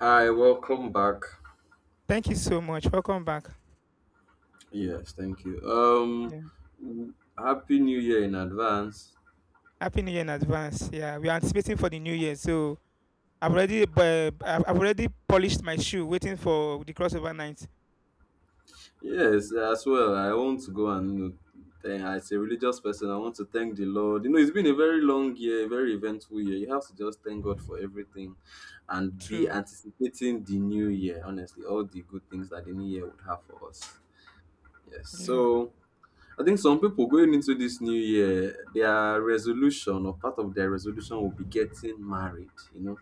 Hi, welcome back. Thank you so much. Welcome back. Yes, thank you. Yeah. W- happy New Year in advance. Happy New Year in advance. Yeah, we are anticipating for the new year. So I've already polished my shoe waiting for the crossover night. Yes, as well. I want to go and thank, as a religious person, I want to thank the Lord. You know, it's been a very long year, a very eventful year. You have to just thank God for everything and be True. anticipating the new year. Honestly, all the good things that the new year would have for us. Yes. Yeah. So I think some people going into this new year, their resolution or part of their resolution will be getting married. You know,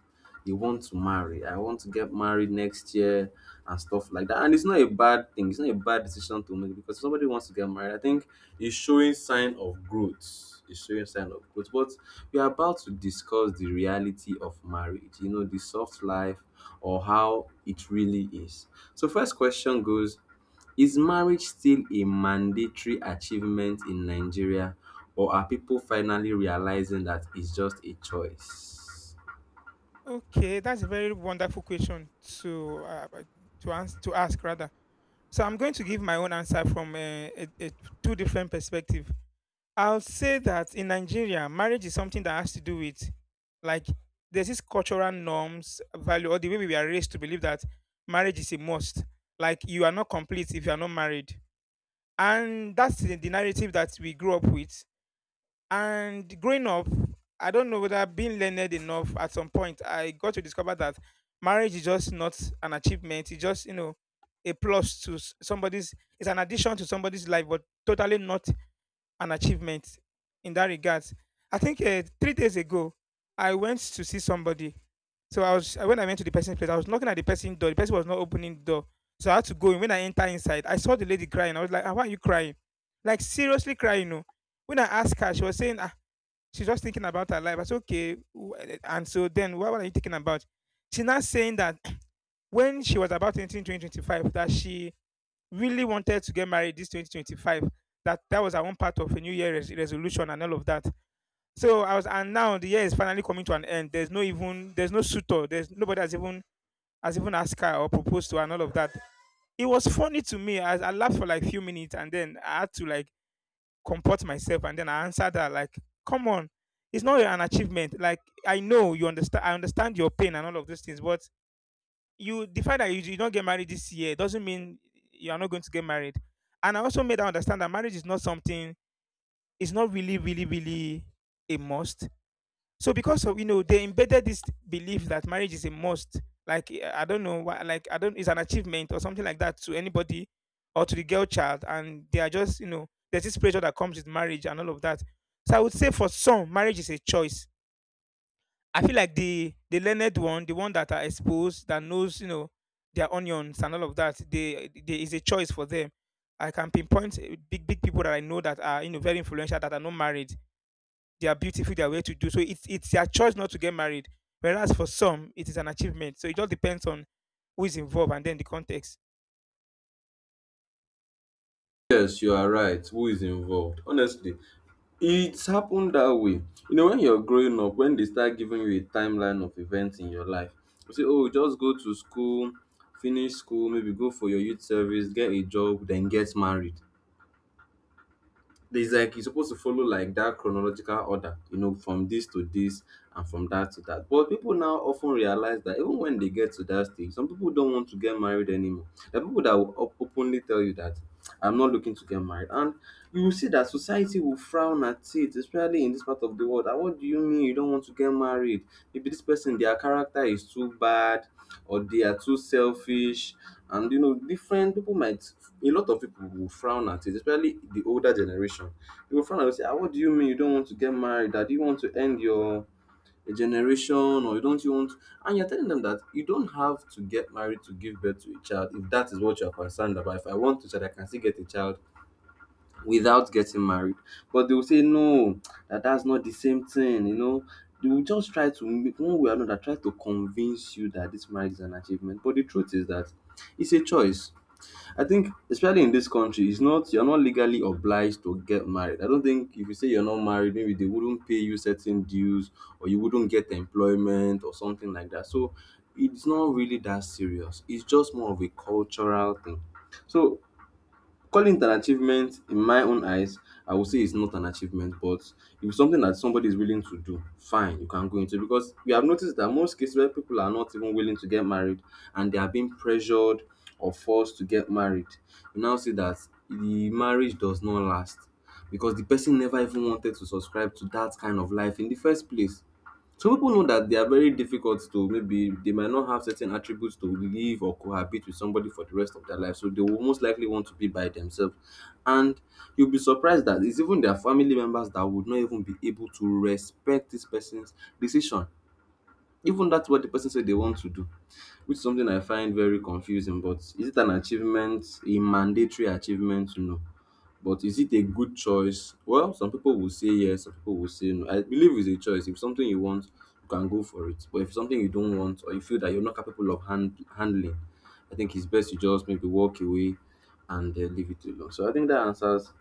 they want to marry. I want to get married next year and stuff like that. And it's not a bad thing. It's not a bad decision to make because if somebody wants to get married. I think it's showing sign of growth. It's showing sign of growth. But we are about to discuss the reality of marriage. You know, the soft life or how it really is. So first question goes is marriage still a mandatory achievement in Nigeria, or are people finally realizing that it's just a choice? Okay, that's a very wonderful question to to ask rather. So I'm going to give my own answer from a two different perspectives. I'll say that in Nigeria, marriage is something that has to do with, like, there's this cultural norms, value, or the way we are raised to believe that marriage is a must. Like you are not complete if you are not married. And that's the narrative that we grew up with. And growing up, I don't know whether being learned enough at some point, I got to discover that marriage is just not an achievement. It's just, you know, a plus to it's an addition to somebody's life, but totally not an achievement in that regard. I think 3 days ago, I went to see somebody. So I was When I went to the person's place, I was knocking at the person's door. The person was not opening the door, so I had to go in. When I enter inside, I saw the lady crying. I was like, ah, "Why are you crying? Like seriously crying?" No. When I asked her, she was saying, "Ah, she's just thinking about her life." I said, "Okay." And so then, what are you thinking about? She's not saying that when she was about entering 2025, that she really wanted to get married this 2025. That was our one part of a New Year resolution and all of that. And now the year is finally coming to an end. There's no suitor. There's nobody has even asked her or proposed to her and all of that. It was funny to me. I laughed for like a few minutes and then I had to, like, comport myself and then I answered her like, "Come on, it's not an achievement. Like, I know you understand. I understand your pain and all of those things, but you the fact that you did not get married this year doesn't mean you are not going to get married. And I also made her understand that marriage is not something, it's not really, really, really a must. So because of, you know, they embedded this belief that marriage is a must, like I don't know why, like I don't, it's an achievement or something like that to anybody or to the girl child, and they are just, you know, there's this pressure that comes with marriage and all of that. So I would say for some, marriage is a choice. I feel like the learned one, the one that are exposed, that knows, you know, their onions and all of that, they there is a choice for them. I can pinpoint big big people that I know that are, you know, very influential that are not married. They are beautiful. They are well to do. So it's their choice not to get married. Whereas for some, it is an achievement. So it just depends on who is involved and then the context. Yes, you are right. Who is involved? Honestly, it's happened that way. You know, when you're growing up, when they start giving you a timeline of events in your life, you say, oh, just go to school, finish school, maybe go for your youth service, get a job, then get married. There's like you're supposed to follow like that chronological order, you know, from this to this and from that to that. But people now often realize that even when they get to that stage, some people don't want to get married anymore. There are people that will openly tell you that I'm not looking to get married, and you will see that society will frown at it, especially in this part of the world. That what do you mean you don't want to get married? Maybe this person, their character is too bad, or they are too selfish, and you know different people might a lot of people will frown at it, especially the older generation. They will frown and say, ah, what do you mean you don't want to get married? That you want to end your generation or you don't you want, and you're telling them that you don't have to get married to give birth to a child. If that is what you're concerned about, if I want to, child, I can still get a child without getting married. But they will say no, that that's not the same thing. You know, they will just try to make one way or another try to convince you that this marriage is an achievement, but the truth is that it's a choice. I think, especially in this country, it's not you're not legally obliged to get married. I don't think if you say you're not married, maybe they wouldn't pay you certain dues or you wouldn't get employment or something like that. So it's not really that serious. It's just more of a cultural thing. So calling it an achievement, in my own eyes, I would say it's not an achievement, but if it's something that somebody is willing to do, fine, you can go into. Because we have noticed that most cases where people are not even willing to get married and they are being pressured or forced to get married, you now see that the marriage does not last because the person never even wanted to subscribe to that kind of life in the first place. Some people know that they are very difficult to maybe they might not have certain attributes to live or cohabit with somebody for the rest of their life, so they will most likely want to be by themselves. And you'll be surprised that it's even their family members that would not even be able to respect this person's decision, even that's what the person said they want to do, which is something I find very confusing. But is it an achievement, a mandatory achievement? No. But is it a good choice? Well, some people will say yes, some people will say no. I believe it's a choice. If something you want, you can go for it. But if something you don't want or you feel that you're not capable of handling, I think it's best you just maybe walk away and leave it alone. So I think that answers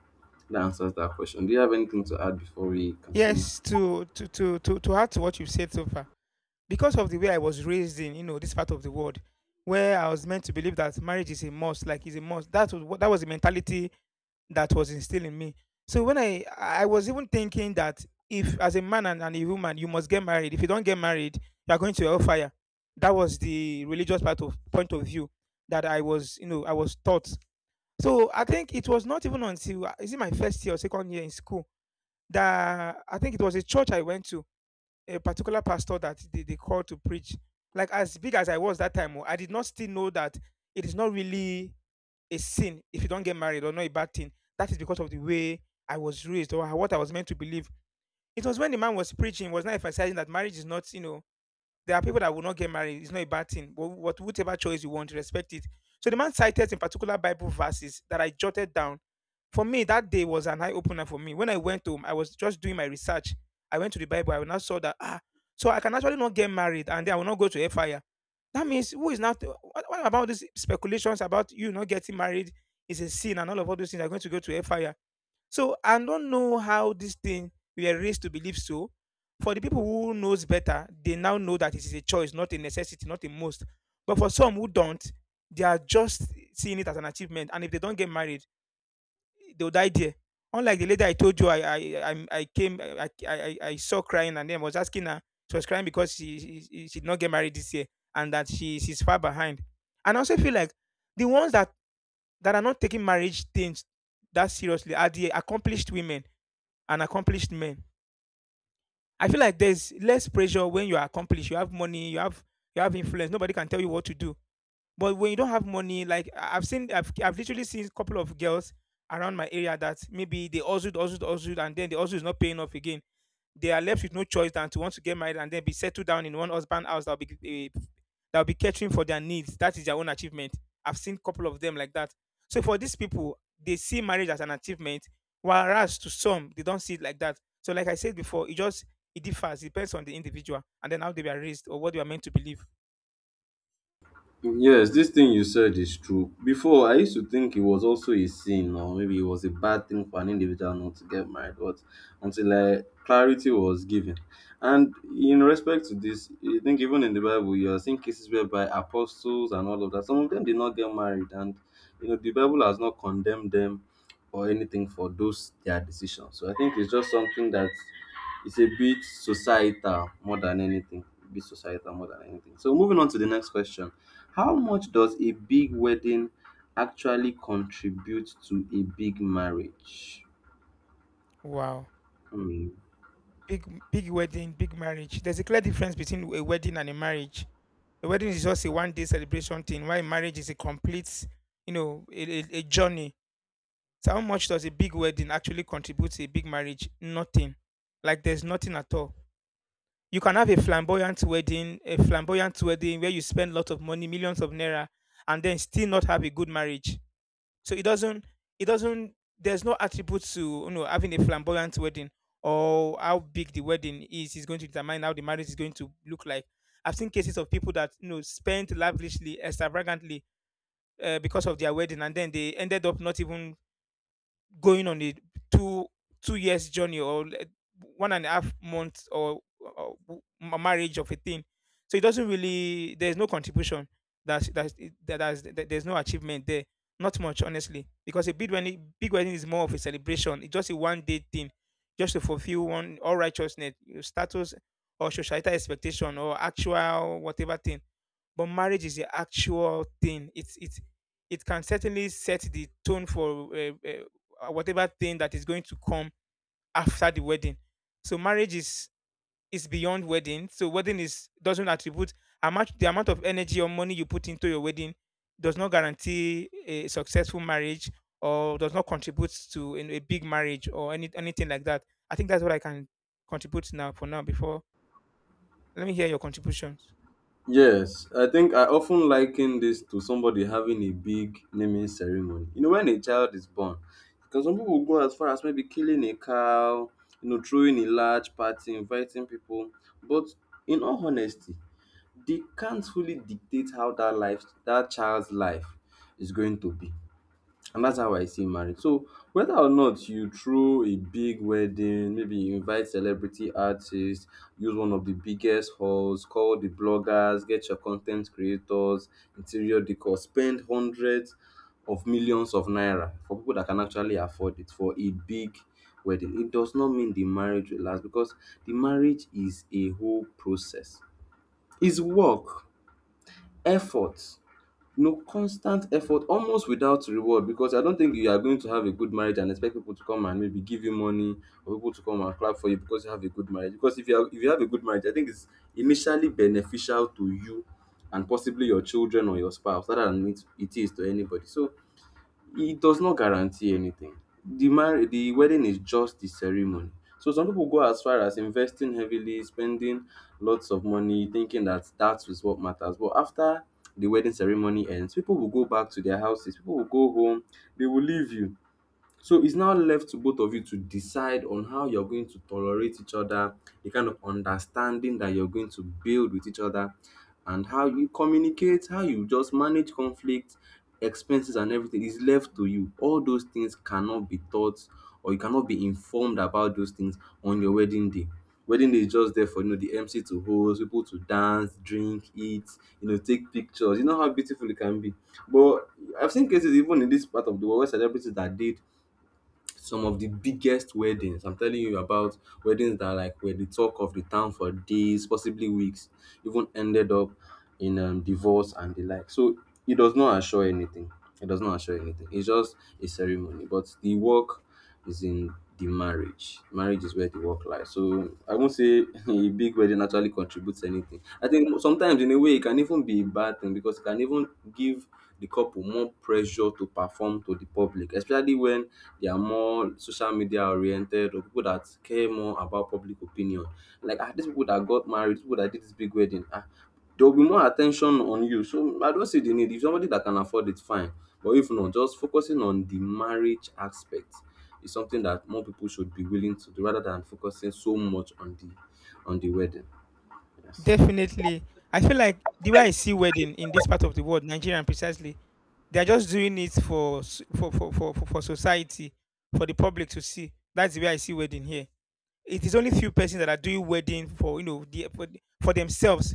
that question. Do you have anything to add before we continue? Yes, to add to what you've said so far. Because of the way I was raised in, you know, this part of the world, where I was meant to believe that marriage is a must, like is a must. That was the mentality that was instilled in me. So when I was even thinking that if as a man and a woman you must get married. If you don't get married, you are going to hellfire. That was the religious part of point of view that I was taught. So I think it was not even until is it my first year or second year in school that I think it was a church I went to, a particular pastor that they called to preach. Like as big as I was that time, oh, I did not still know that it is not really a sin if you don't get married or not a bad thing. That is because of the way I was raised or what I was meant to believe. It was when the man was preaching, he was not emphasizing that marriage is not, you know, there are people that will not get married. It's not a bad thing. But whatever choice you want, respect it. So the man cited in particular Bible verses that I jotted down. For me, that day was an eye opener for me. When I went home, I was just doing my research. I went to the Bible. I now saw that ah, so I can actually not get married, and then I will not go to a fire. That means who is not? What about these speculations about you not getting married is a sin, and all those things are going to go to a fire. So I don't know how this thing we are raised to believe so. For the people who knows better, they now know that it is a choice, not a necessity, not a must. But for some who don't, they are just seeing it as an achievement. And if they don't get married, they would die there. Unlike the lady I told you, I came, I saw crying, and then was asking her. She was crying because she did not get married this year, and that she's far behind. And I also feel like the ones that are not taking marriage things that seriously are the accomplished women and accomplished men. I feel like there's less pressure when you are accomplished. You have money. You have influence. Nobody can tell you what to do, but when you don't have money, like I've literally seen a couple of girls around my area that maybe they also, also, also, and then the also is not paying off again. They are left with no choice than to want to get married and then be settled down in one husband house that'll be catering for their needs. That is their own achievement. I've seen a couple of them like that. So for these people, they see marriage as an achievement, whereas to some they don't see it like that. So like I said before, it differs, it depends on the individual and then how they were raised or what they are meant to believe. Yes, this thing you said is true. Before, I used to think it was also a sin or maybe it was a bad thing for an individual not to get married, but until I, clarity was given. And in respect to this, I think even in the Bible, you are seeing cases whereby apostles and all of that, some of them did not get married, and you know the Bible has not condemned them or anything for those their decisions. So I think it's just something that it's a bit societal more than anything. Bit societal more than anything. So moving on to the next question. How much does a big wedding actually contribute to a big marriage? Wow. Hmm. Big big wedding, big marriage. There's a clear difference between a wedding and a marriage. A wedding is just a one day celebration thing, while marriage is a complete, you know, a journey. So how much does a big wedding actually contribute to a big marriage? Nothing. Like there's nothing at all. You can have a flamboyant wedding where you spend a lot of money, millions of naira, and then still not have a good marriage. So it doesn't, there's no attribute to, you know, having a flamboyant wedding or how big the wedding is going to determine how the marriage is going to look like. I've seen cases of people that, you know, spent lavishly, extravagantly, because of their wedding, and then they ended up not even going on a two two years journey 1.5 months marriage of a thing. So it doesn't really, there's no contribution. That's that's that that's, that there's no achievement there. Not much, honestly, because a big wedding is more of a celebration. It's just a one day thing just to fulfill one all righteousness, your status or societal expectation or actual whatever thing. But marriage is the actual thing. It can certainly set the tone for whatever thing that is going to come after the wedding. So marriage is beyond wedding. So wedding is doesn't attribute how much, the amount of energy or money you put into your wedding does not guarantee a successful marriage or does not contribute to in a big marriage or anything like that. I think that's what I can contribute now for now before, let me hear your contributions. Yes, I think I often liken this to somebody having a big naming ceremony. You know, when a child is born, because some people go as far as maybe killing a cow, you know, throwing a large party, inviting people. But in all honesty, they can't fully dictate how that life, that child's life, is going to be. And that's how I see marriage. So whether or not you throw a big wedding, maybe you invite celebrity artists, use one of the biggest halls, call the bloggers, get your content creators, interior decor, spend hundreds of millions of naira for people that can actually afford it for a big wedding. It does not mean the marriage will last because the marriage is a whole process. It's work, effort, no constant effort almost without reward, because I don't think you are going to have a good marriage and expect people to come and maybe give you money or people to come and clap for you because you have a good marriage. Because if you have a good marriage, I think it's initially beneficial to you and possibly your children or your spouse rather than it is to anybody. So it does not guarantee anything. The mar the wedding is just the ceremony. So some people go as far as investing heavily, spending lots of money, thinking that that is what matters. But after the wedding ceremony ends, people will go back to their houses, people will go home, they will leave you. So it's now left to both of you to decide on how you're going to tolerate each other, the kind of understanding that you're going to build with each other, and how you communicate, how you just manage conflict, expenses, and everything is left to you. All those things cannot be taught or you cannot be informed about those things on your wedding day. Wedding day is just there for you know the MC to host, people to dance, drink, eat, you know, take pictures. You know how beautiful it can be. But I've seen cases even in this part of the world where celebrities that did some of the biggest weddings. I'm telling you about weddings that like were the talk of the town for days, possibly weeks, even ended up in divorce and the like. So it does not assure anything. It does not assure anything. It's just a ceremony. But the work is in the marriage. Marriage is where the work lies. So I won't say a big wedding actually contributes anything. I think sometimes in a way it can even be a bad thing because it can even give the couple more pressure to perform to the public, especially when they are more social media oriented or people that care more about public opinion. Like ah, these people that got married, people that did this big wedding, ah, there will be more attention on you. So I don't see the need. If somebody that can afford it, fine. But if not, just focusing on the marriage aspect is something that more people should be willing to do rather than focusing so much on the wedding. Yes. Definitely. I feel like the way I see wedding in this part of the world, Nigeria precisely, they are just doing it for s- for society, for the public to see. That's the way I see wedding here. It is only few persons that are doing wedding for for themselves,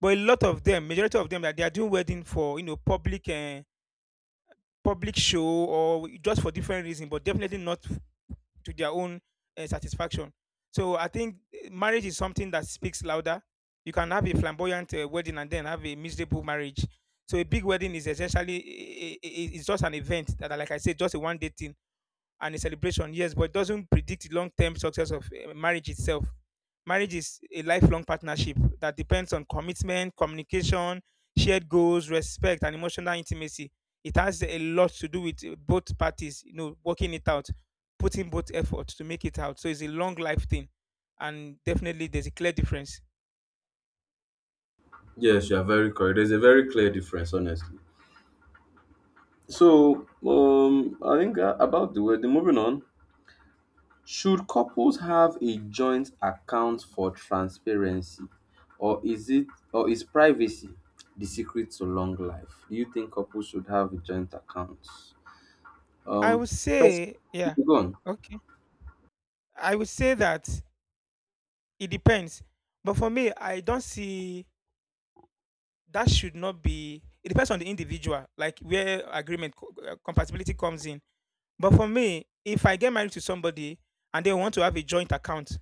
but a lot of them, majority of them, that they are doing wedding for public public show or just for different reason, but definitely not f- to their own satisfaction. So I think marriage is something that speaks louder. You can have a flamboyant wedding and then have a miserable marriage. So a big wedding is essentially it's just an event that, like I said, just a one day thing and a celebration, yes, but it doesn't predict the long term success of marriage itself. Marriage is a lifelong partnership that depends on commitment, communication, shared goals, respect, and emotional intimacy. It has a lot to do with both parties, you know, working it out, putting both effort to make it out. So it's a long life thing, and definitely there's a clear difference. Yes, you are very correct. There's a very clear difference, honestly. So, I think about the wedding. Moving on, should couples have a joint account for transparency, or is it or is privacy the secret to long life? Do you think couples should have a joint account? I would Um, first, say, yeah, go on. okay. I would say that it depends, but for me, I don't see that should not be it depends on the individual like where compatibility comes in but for me if I get married to somebody and they want to have a joint account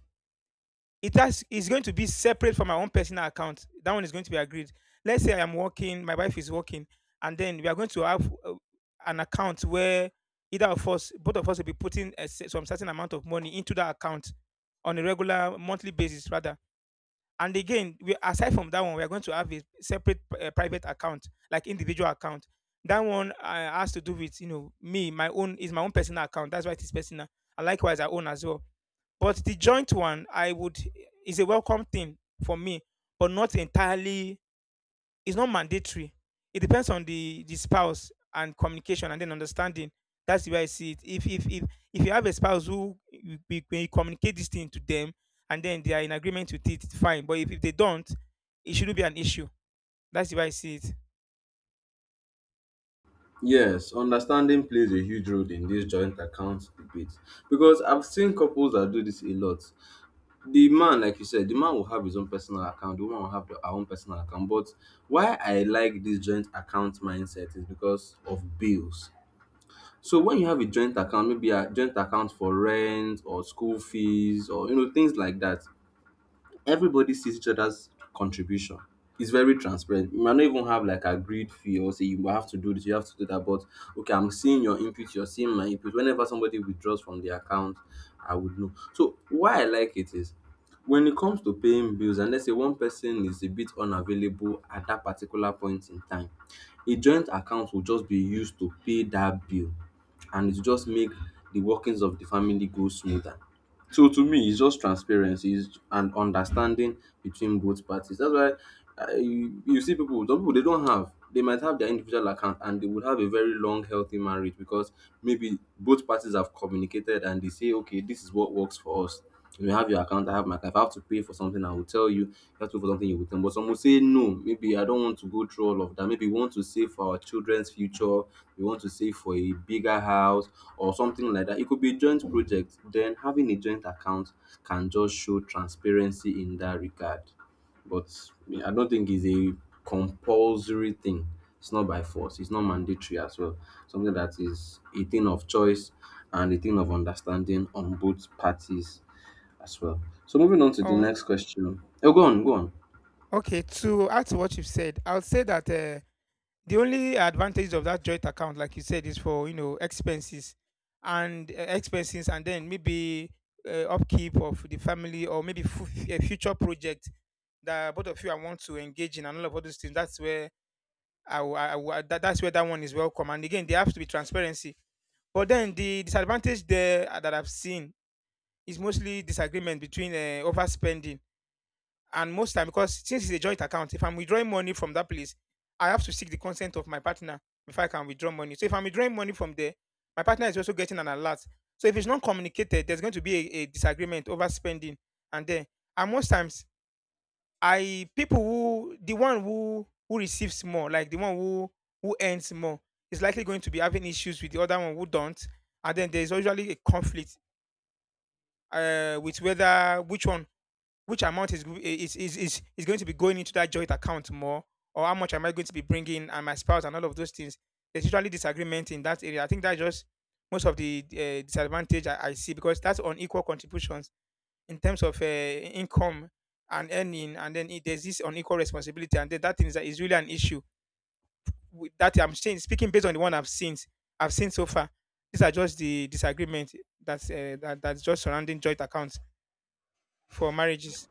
it has is going to be separate from my own personal account, that one is going to be agreed. Let's say I am working, my wife is working, and then we are going to have an account where either of us, both of us, will be putting some certain amount of money into that account on a regular monthly basis rather. And again, we aside from that one, we are going to have a separate private account like individual account. That one has to do with you know me, my own is my own personal account, that's why it is personal, and likewise I own as well. But the joint one I would is a welcome thing for me, but not entirely. It's not mandatory. It depends on the spouse and communication and then understanding. That's the way I see it. If you have a spouse who when you communicate this thing to them and then they are in agreement with it, it's fine. But if they don't, it shouldn't be an issue. That's the way I see it. Yes, understanding plays a huge role in this joint account debate because I've seen couples that do this a lot. The man, like you said, the man will have his own personal account, the woman will have her own personal account. But why I like this joint account mindset is because of bills. So when you have a joint account, maybe a joint account for rent or school fees or you know things like that, everybody sees each other's contribution. It's very transparent. You might not even have like agreed fee or say you have to do this, you have to do that. But okay, I'm seeing your input, you're seeing my input. Whenever somebody withdraws from the account, I would know. So why I like it is when it comes to paying bills, and let's say one person is a bit unavailable at that particular point in time, a joint account will just be used to pay that bill and it will just make the workings of the family go smoother. So to me, it's just transparency and understanding between both parties. That's why you see people, some people they don't have, they might have their individual account and they would have a very long, healthy marriage because maybe both parties have communicated and they say, okay, this is what works for us. You have your account, I have my account. If I have to pay for something, I will tell you. If I have to pay for something, you will tell me. But some will say no. Maybe I don't want to go through all of that. Maybe we want to save for our children's future. We want to save for a bigger house or something like that. It could be a joint project. Then having a joint account can just show transparency in that regard. But me, I don't think it's a compulsory thing. It's not by force. It's not mandatory as well. Something that is a thing of choice and a thing of understanding on both parties as well. So moving on to the Oh, next question. Oh, go on, go on. okay. To add to what you've said, I would say that the only advantage of that joint account, like you said, is for you know expenses and then maybe upkeep of the family or maybe a future project that both of you I want to engage in and all of all those things, that's where that's where that one is welcome. And again, there has to be transparency. But then the disadvantage there that I've seen is mostly disagreement between overspending, and most time because since it's a joint account, if I'm withdrawing money from that place, I have to seek the consent of my partner before I can withdraw money. So if I'm withdrawing money from there, my partner is also getting an alert. So if it's not communicated, there's going to be a disagreement over spending. And then, and most times, I people who the one who receives more, like the one who earns more, is likely going to be having issues with the other one who don't, and then there is usually a conflict with whether which one which amount is going to be going into that joint account more, or how much am I going to be bringing and my spouse and all of those things. There's usually disagreement in that area. I think that's just most of the disadvantage I see because that's unequal contributions in terms of income and earning, and then it, there's this unequal responsibility, and then that thing is really an issue with that I'm saying, speaking based on the one I've seen so far. These are just the disagreement that's just surrounding joint accounts for marriages,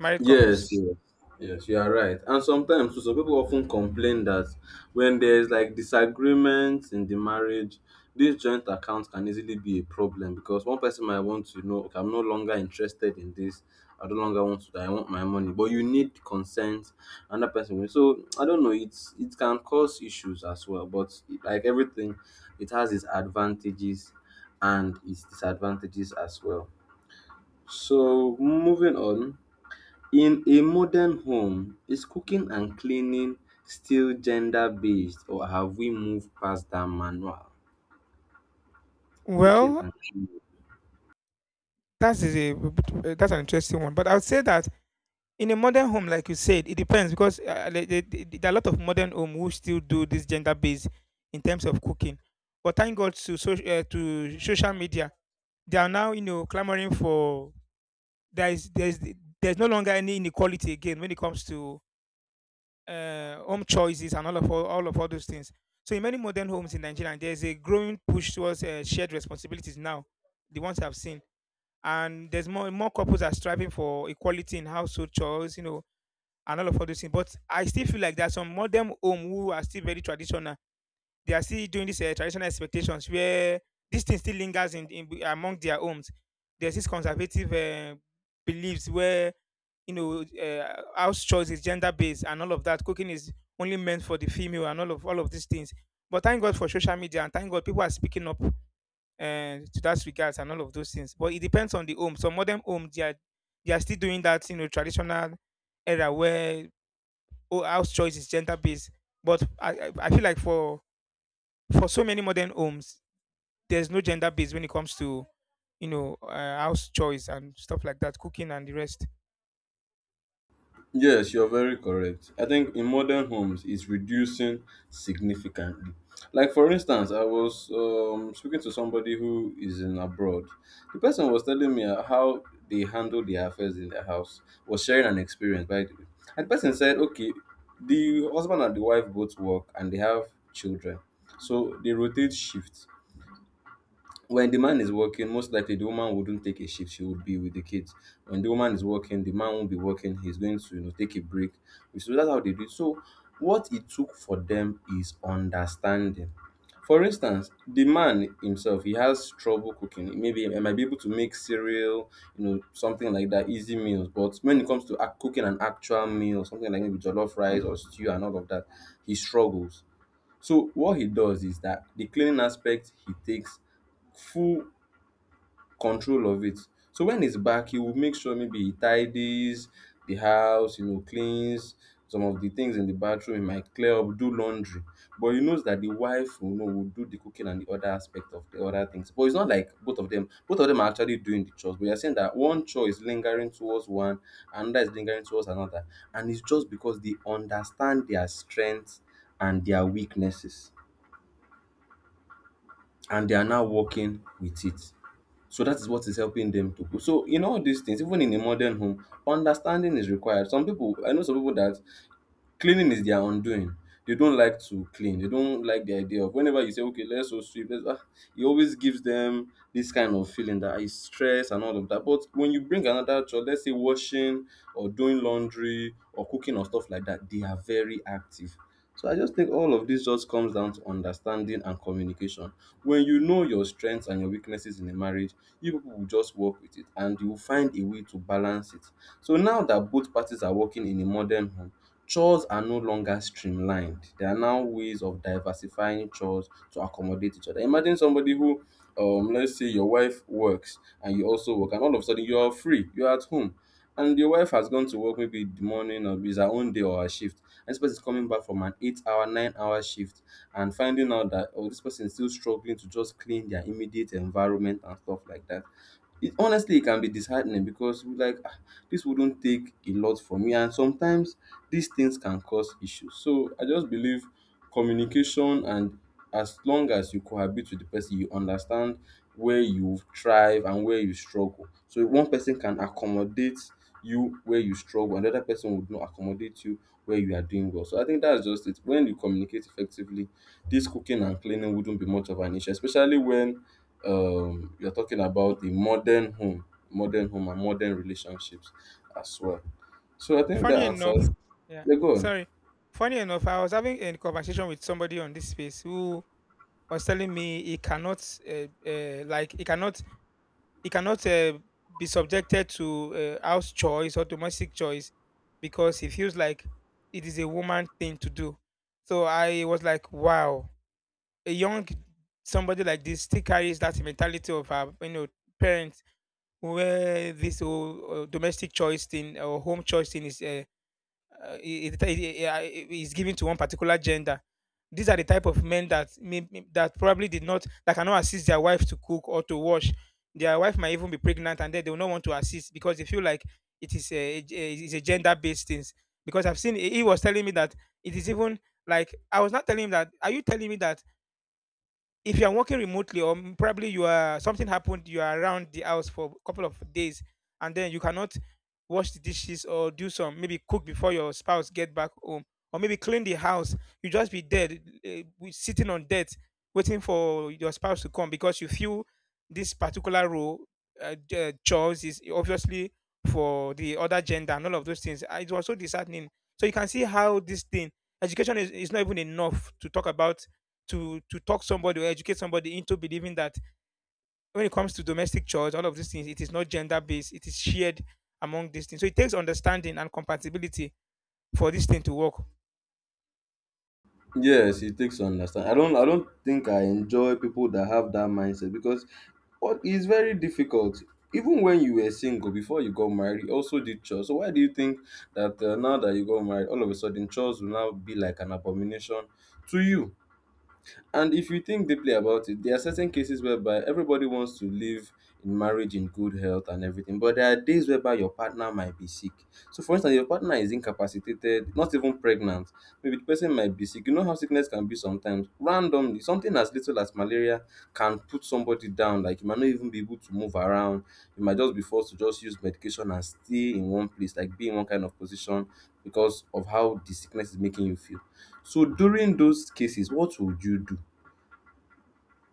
married couples. Yes, yes, yes, you are right. And sometimes too, some people often complain that when there's like disagreements in the marriage, this joint account can easily be a problem because one person might want to know, okay, I'm no longer interested in this. I no longer want to. I want my money, but you need consent. Another person will. So I don't know. It's it can cause issues as well. But like everything, it has its advantages and its disadvantages as well. So moving on. In a modern home, is cooking and cleaning still gender based or have we moved past that manual? Cooking Well, and cleaning. that's a that's an interesting one, but I would say that in a modern home, like you said, it depends because there are a lot of modern home who still do this gender based in terms of cooking. But thank God to to social media they are now you know clamoring for there's there's no longer any inequality again when it comes to home choices and all those things. So in many modern homes in Nigeria, there's a growing push towards shared responsibilities now, the ones I've seen, and there's more more couples are striving for equality in household chores, you know, and all those things. But I still feel like there's some modern home who are still very traditional. They are still doing this traditional expectations where this thing still lingers in among their homes. There's this conservative beliefs where you know house chores is gender based and all of that. Cooking is only meant for the female and all of these things. But thank God for social media and thank God people are speaking up to that regards and all of those things. But it depends on the home. Some modern homes they are still doing that you know traditional era where oh, house choice is gender based. But I feel like for so many modern homes, there's no gender base when it comes to, you know, house chores and stuff like that, cooking and the rest. Yes, you're very correct. I think in modern homes, it's reducing significantly. Like for instance, I was speaking to somebody who is in abroad. The person was telling me how they handle their affairs in their house. Was sharing an experience, by the way. And the person said, okay, the husband and the wife both work and they have children, so they rotate shifts. When the man is working, most likely the woman wouldn't take a shift. She would be with the kids. When the woman is working, the man won't be working. He's going to, you know, take a break. So that's how they do it. So what it took for them is understanding. For instance, the man himself, he has trouble cooking. Maybe he might be able to make cereal, you know, something like that, easy meals. But when it comes to cooking an actual meal, something like maybe jollof rice or stew and all of that, he struggles. So what he does is that the cleaning aspect, he takes full control of it. So when he's back, he will make sure maybe he tidies the house, you know, cleans some of the things in the bathroom, he might clear up, do laundry. But he knows that the wife will know will do the cooking and the other aspect of the other things. But it's not like both of them are actually doing the chores. But you're saying that one chore is lingering towards one, another is lingering towards another. And it's just because they understand their strengths and their weaknesses. And they are now working with it. So that is what is helping them to grow. So in all these things, even in a modern home, understanding is required. Some people, I know some people that cleaning is their undoing. They don't like to clean. They don't like the idea of whenever you say, okay, let's so sweep, let's, ah, it always gives them this kind of feeling that is stress and all of that. But when you bring another job, let's say washing or doing laundry or cooking or stuff like that, they are very active. So I just think all of this just comes down to understanding and communication. When you know your strengths and your weaknesses in a marriage, you people will just work with it and you will find a way to balance it. So now that both parties are working in a modern home, chores are no longer streamlined. There are now ways of diversifying chores to accommodate each other. Imagine somebody who, let's say your wife works and you also work, and all of a sudden you are free, you are at home, and your wife has gone to work maybe in the morning or it's her own day or her shift. And this person is coming back from an 8 hour, 9 hour shift and finding out that, oh, this person is still struggling to just clean their immediate environment and stuff like that. It, honestly, it can be disheartening because we're like, "Ah, this wouldn't take a lot from me." And sometimes these things can cause issues. So I just believe communication and as long as you cohabit with the person, you understand where you thrive and where you struggle. So if one person can accommodate you where you struggle, another person would not accommodate you where you are doing well. So I think that's just it. When you communicate effectively, this cooking and cleaning wouldn't be much of an issue, especially when you're talking about the modern home and modern relationships as well. So I think that Funny enough, answers yeah, they go. sorry. Funny enough, I was having a conversation with somebody on this space who was telling me he cannot, like, he cannot be subjected to house chores or domestic chores because he feels like it is a woman thing to do. So I was like, wow, a young somebody like this still carries that mentality of her, you know, parents where this whole, domestic choice thing or home choice thing is is given to one particular gender. These are the type of men that that probably did not that cannot assist their wife to cook or to wash. Their wife might even be pregnant, and then they will not want to assist because they feel like it is a gender based thing. Because I've seen he was telling me that it is even like I was not telling him that. Are you telling me that if you are working remotely or probably you are something happened you are around the house for a couple of days and then you cannot wash the dishes or do some maybe cook before your spouse get back home or maybe clean the house, you just be dead sitting on debt waiting for your spouse to come because you feel this particular role chores is obviously for the other gender and all of those things. Ah, it was so disheartening, so you can see how this thing education is not even enough to talk about to talk somebody or educate somebody into believing that when it comes to domestic chores, all of these things, it is not gender based, it is shared among these things. So it takes understanding and compatibility for this thing to work. Yes, it takes to understand. I don't think I enjoy people that have that mindset because what is very difficult. Even when you were single before you got married, you also did chores. So why do you think that now that you got married, all of a sudden chores will now be like an abomination to you? And if you think deeply about it, there are certain cases whereby everybody wants to live in marriage in good health and everything, but there are days whereby your partner might be sick. So, for instance, your partner is incapacitated, not even pregnant. Maybe the person might be sick. You know how sickness can be sometimes. Randomly, something as little as malaria can put somebody down. Like you might not even be able to move around. You might just be forced to just use medication and stay in one place, like be in one kind of position because of how the sickness is making you feel. So during those cases, what would you do?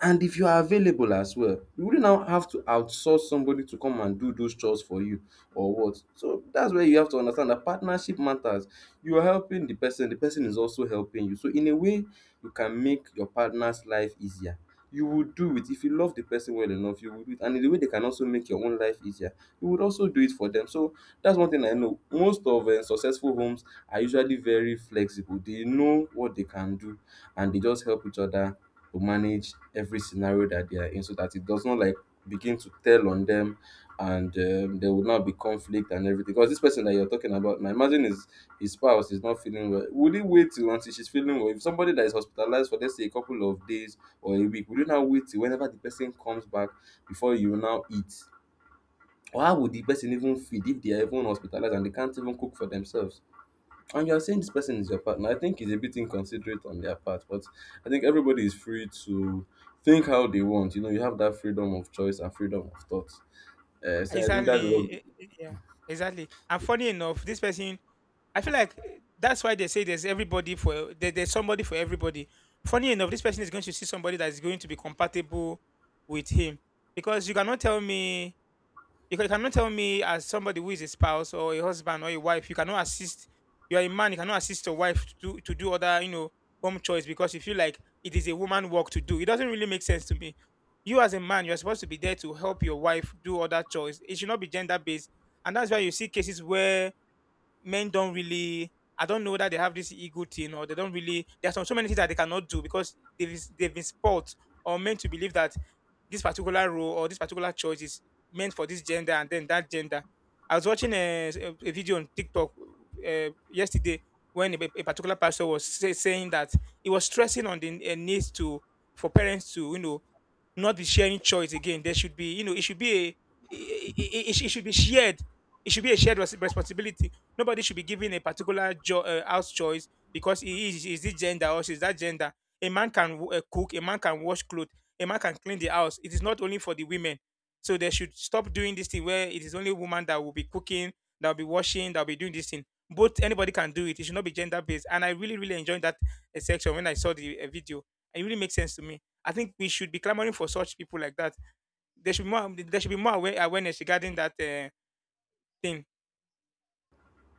And if you are available as well, you wouldn't now have to outsource somebody to come and do those chores for you or what. So that's where you have to understand that partnership matters. You are helping the person is also helping you. So in a way, you can make your partner's life easier. You will do it if you love the person well enough, you will do it. And in a way, they can also make your own life easier. You would also do it for them. So that's one thing I know. Most of successful homes are usually very flexible. They know what they can do and they just help each other to manage every scenario that they are in so that it does not like begin to tell on them and there will not be conflict and everything because this person that you're talking about now, imagine his spouse is not feeling well, would he wait till until she's feeling well? If somebody that is hospitalized for let's say a couple of days or a week, would you now wait till whenever the person comes back before you now eat? Or how would the person even feed if they are even hospitalized and they can't even cook for themselves and you're saying this person is your partner? I think it's a bit inconsiderate on their part, but I think everybody is free to think how they want. You know, you have that freedom of choice and freedom of thought. So I think that's Exactly. what. Yeah. Exactly. And funny enough, this person, I feel like that's why they say there's somebody for everybody. Funny enough, this person is going to see somebody that is going to be compatible with him, because you cannot tell me because you cannot tell me as somebody who is a spouse or a husband or a wife, you cannot assist. You are a man, you cannot assist your wife to do other, you know, home chores because you feel like it is a woman work to do. It doesn't really make sense to me. You as a man, you're supposed to be there to help your wife do other chores. It should not be gender based, and that's why you see cases where men don't really I don't know that they have this ego thing or they don't really There's so many things that they cannot do because they've been spot or meant to believe that this particular role or this particular choice is meant for this gender and then that gender. I was watching a video on TikTok yesterday when a particular pastor saying that he was stressing on the need to for parents to you know not be sharing choice again. There should be you know it should be a it, it should be shared. It should be a shared responsibility. Nobody should be given a particular house choice because he is this gender or she's that gender. A man can cook, a man can wash clothes, a man can clean the house. It is not only for the women. So they should stop doing this thing where it is only woman that will be cooking, that will be washing, that will be doing this thing. Both anybody can do it. It should not be gender based. And I really, really enjoyed that section when I saw the video. It really makes sense to me. I think we should be clamoring for such people like that. There should be more. There should be more awareness regarding that thing.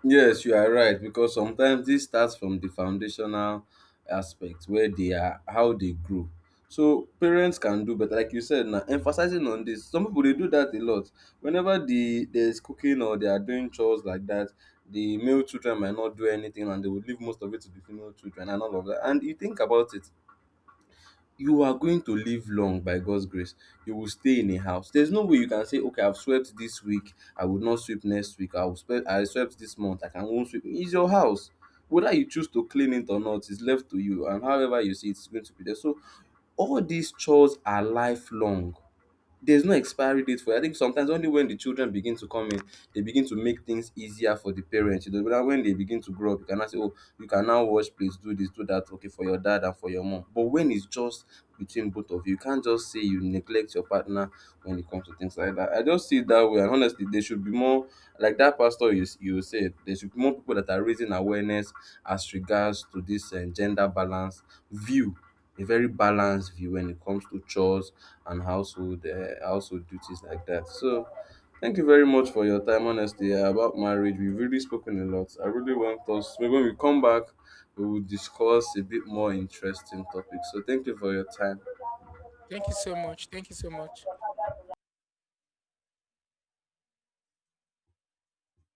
Yes, you are right because sometimes this starts from the foundational aspect where they are, how they grow. So parents can do better, like you said now, emphasizing on this. Some people they do that a lot. Whenever the there's cooking or they are doing chores like that, the male children might not do anything and they would leave most of it to the female children and all of that. And you think about it, you are going to live long by God's grace. You will stay in a house. There's no way you can say, okay, I've swept this week, I will not sweep next week. I will sweep, I swept this month, I can won't sweep. It's your house. Whether you choose to clean it or not is left to you, and however you see it's going to be there. So all these chores are lifelong, there's no expiry date for it. I think sometimes only when the children begin to come in, they begin to make things easier for the parents. You know, but when they begin to grow up, you cannot say, "Oh, you can now wash plates, do this, do that." Okay, for your dad and for your mom. But when it's just between both of you, you can't just say you neglect your partner when it comes to things like that. I just see it that way, and honestly, there should be more like that. Pastor, you said there should be more people that are raising awareness as regards to this gender balance view, a very balanced view when it comes to chores and household household duties like that. So thank you very much for your time. Honestly, about marriage, we've really spoken a lot. I really want us maybe when we come back, we will discuss a bit more interesting topics. So thank you for your time. Thank you so much. Thank you so much.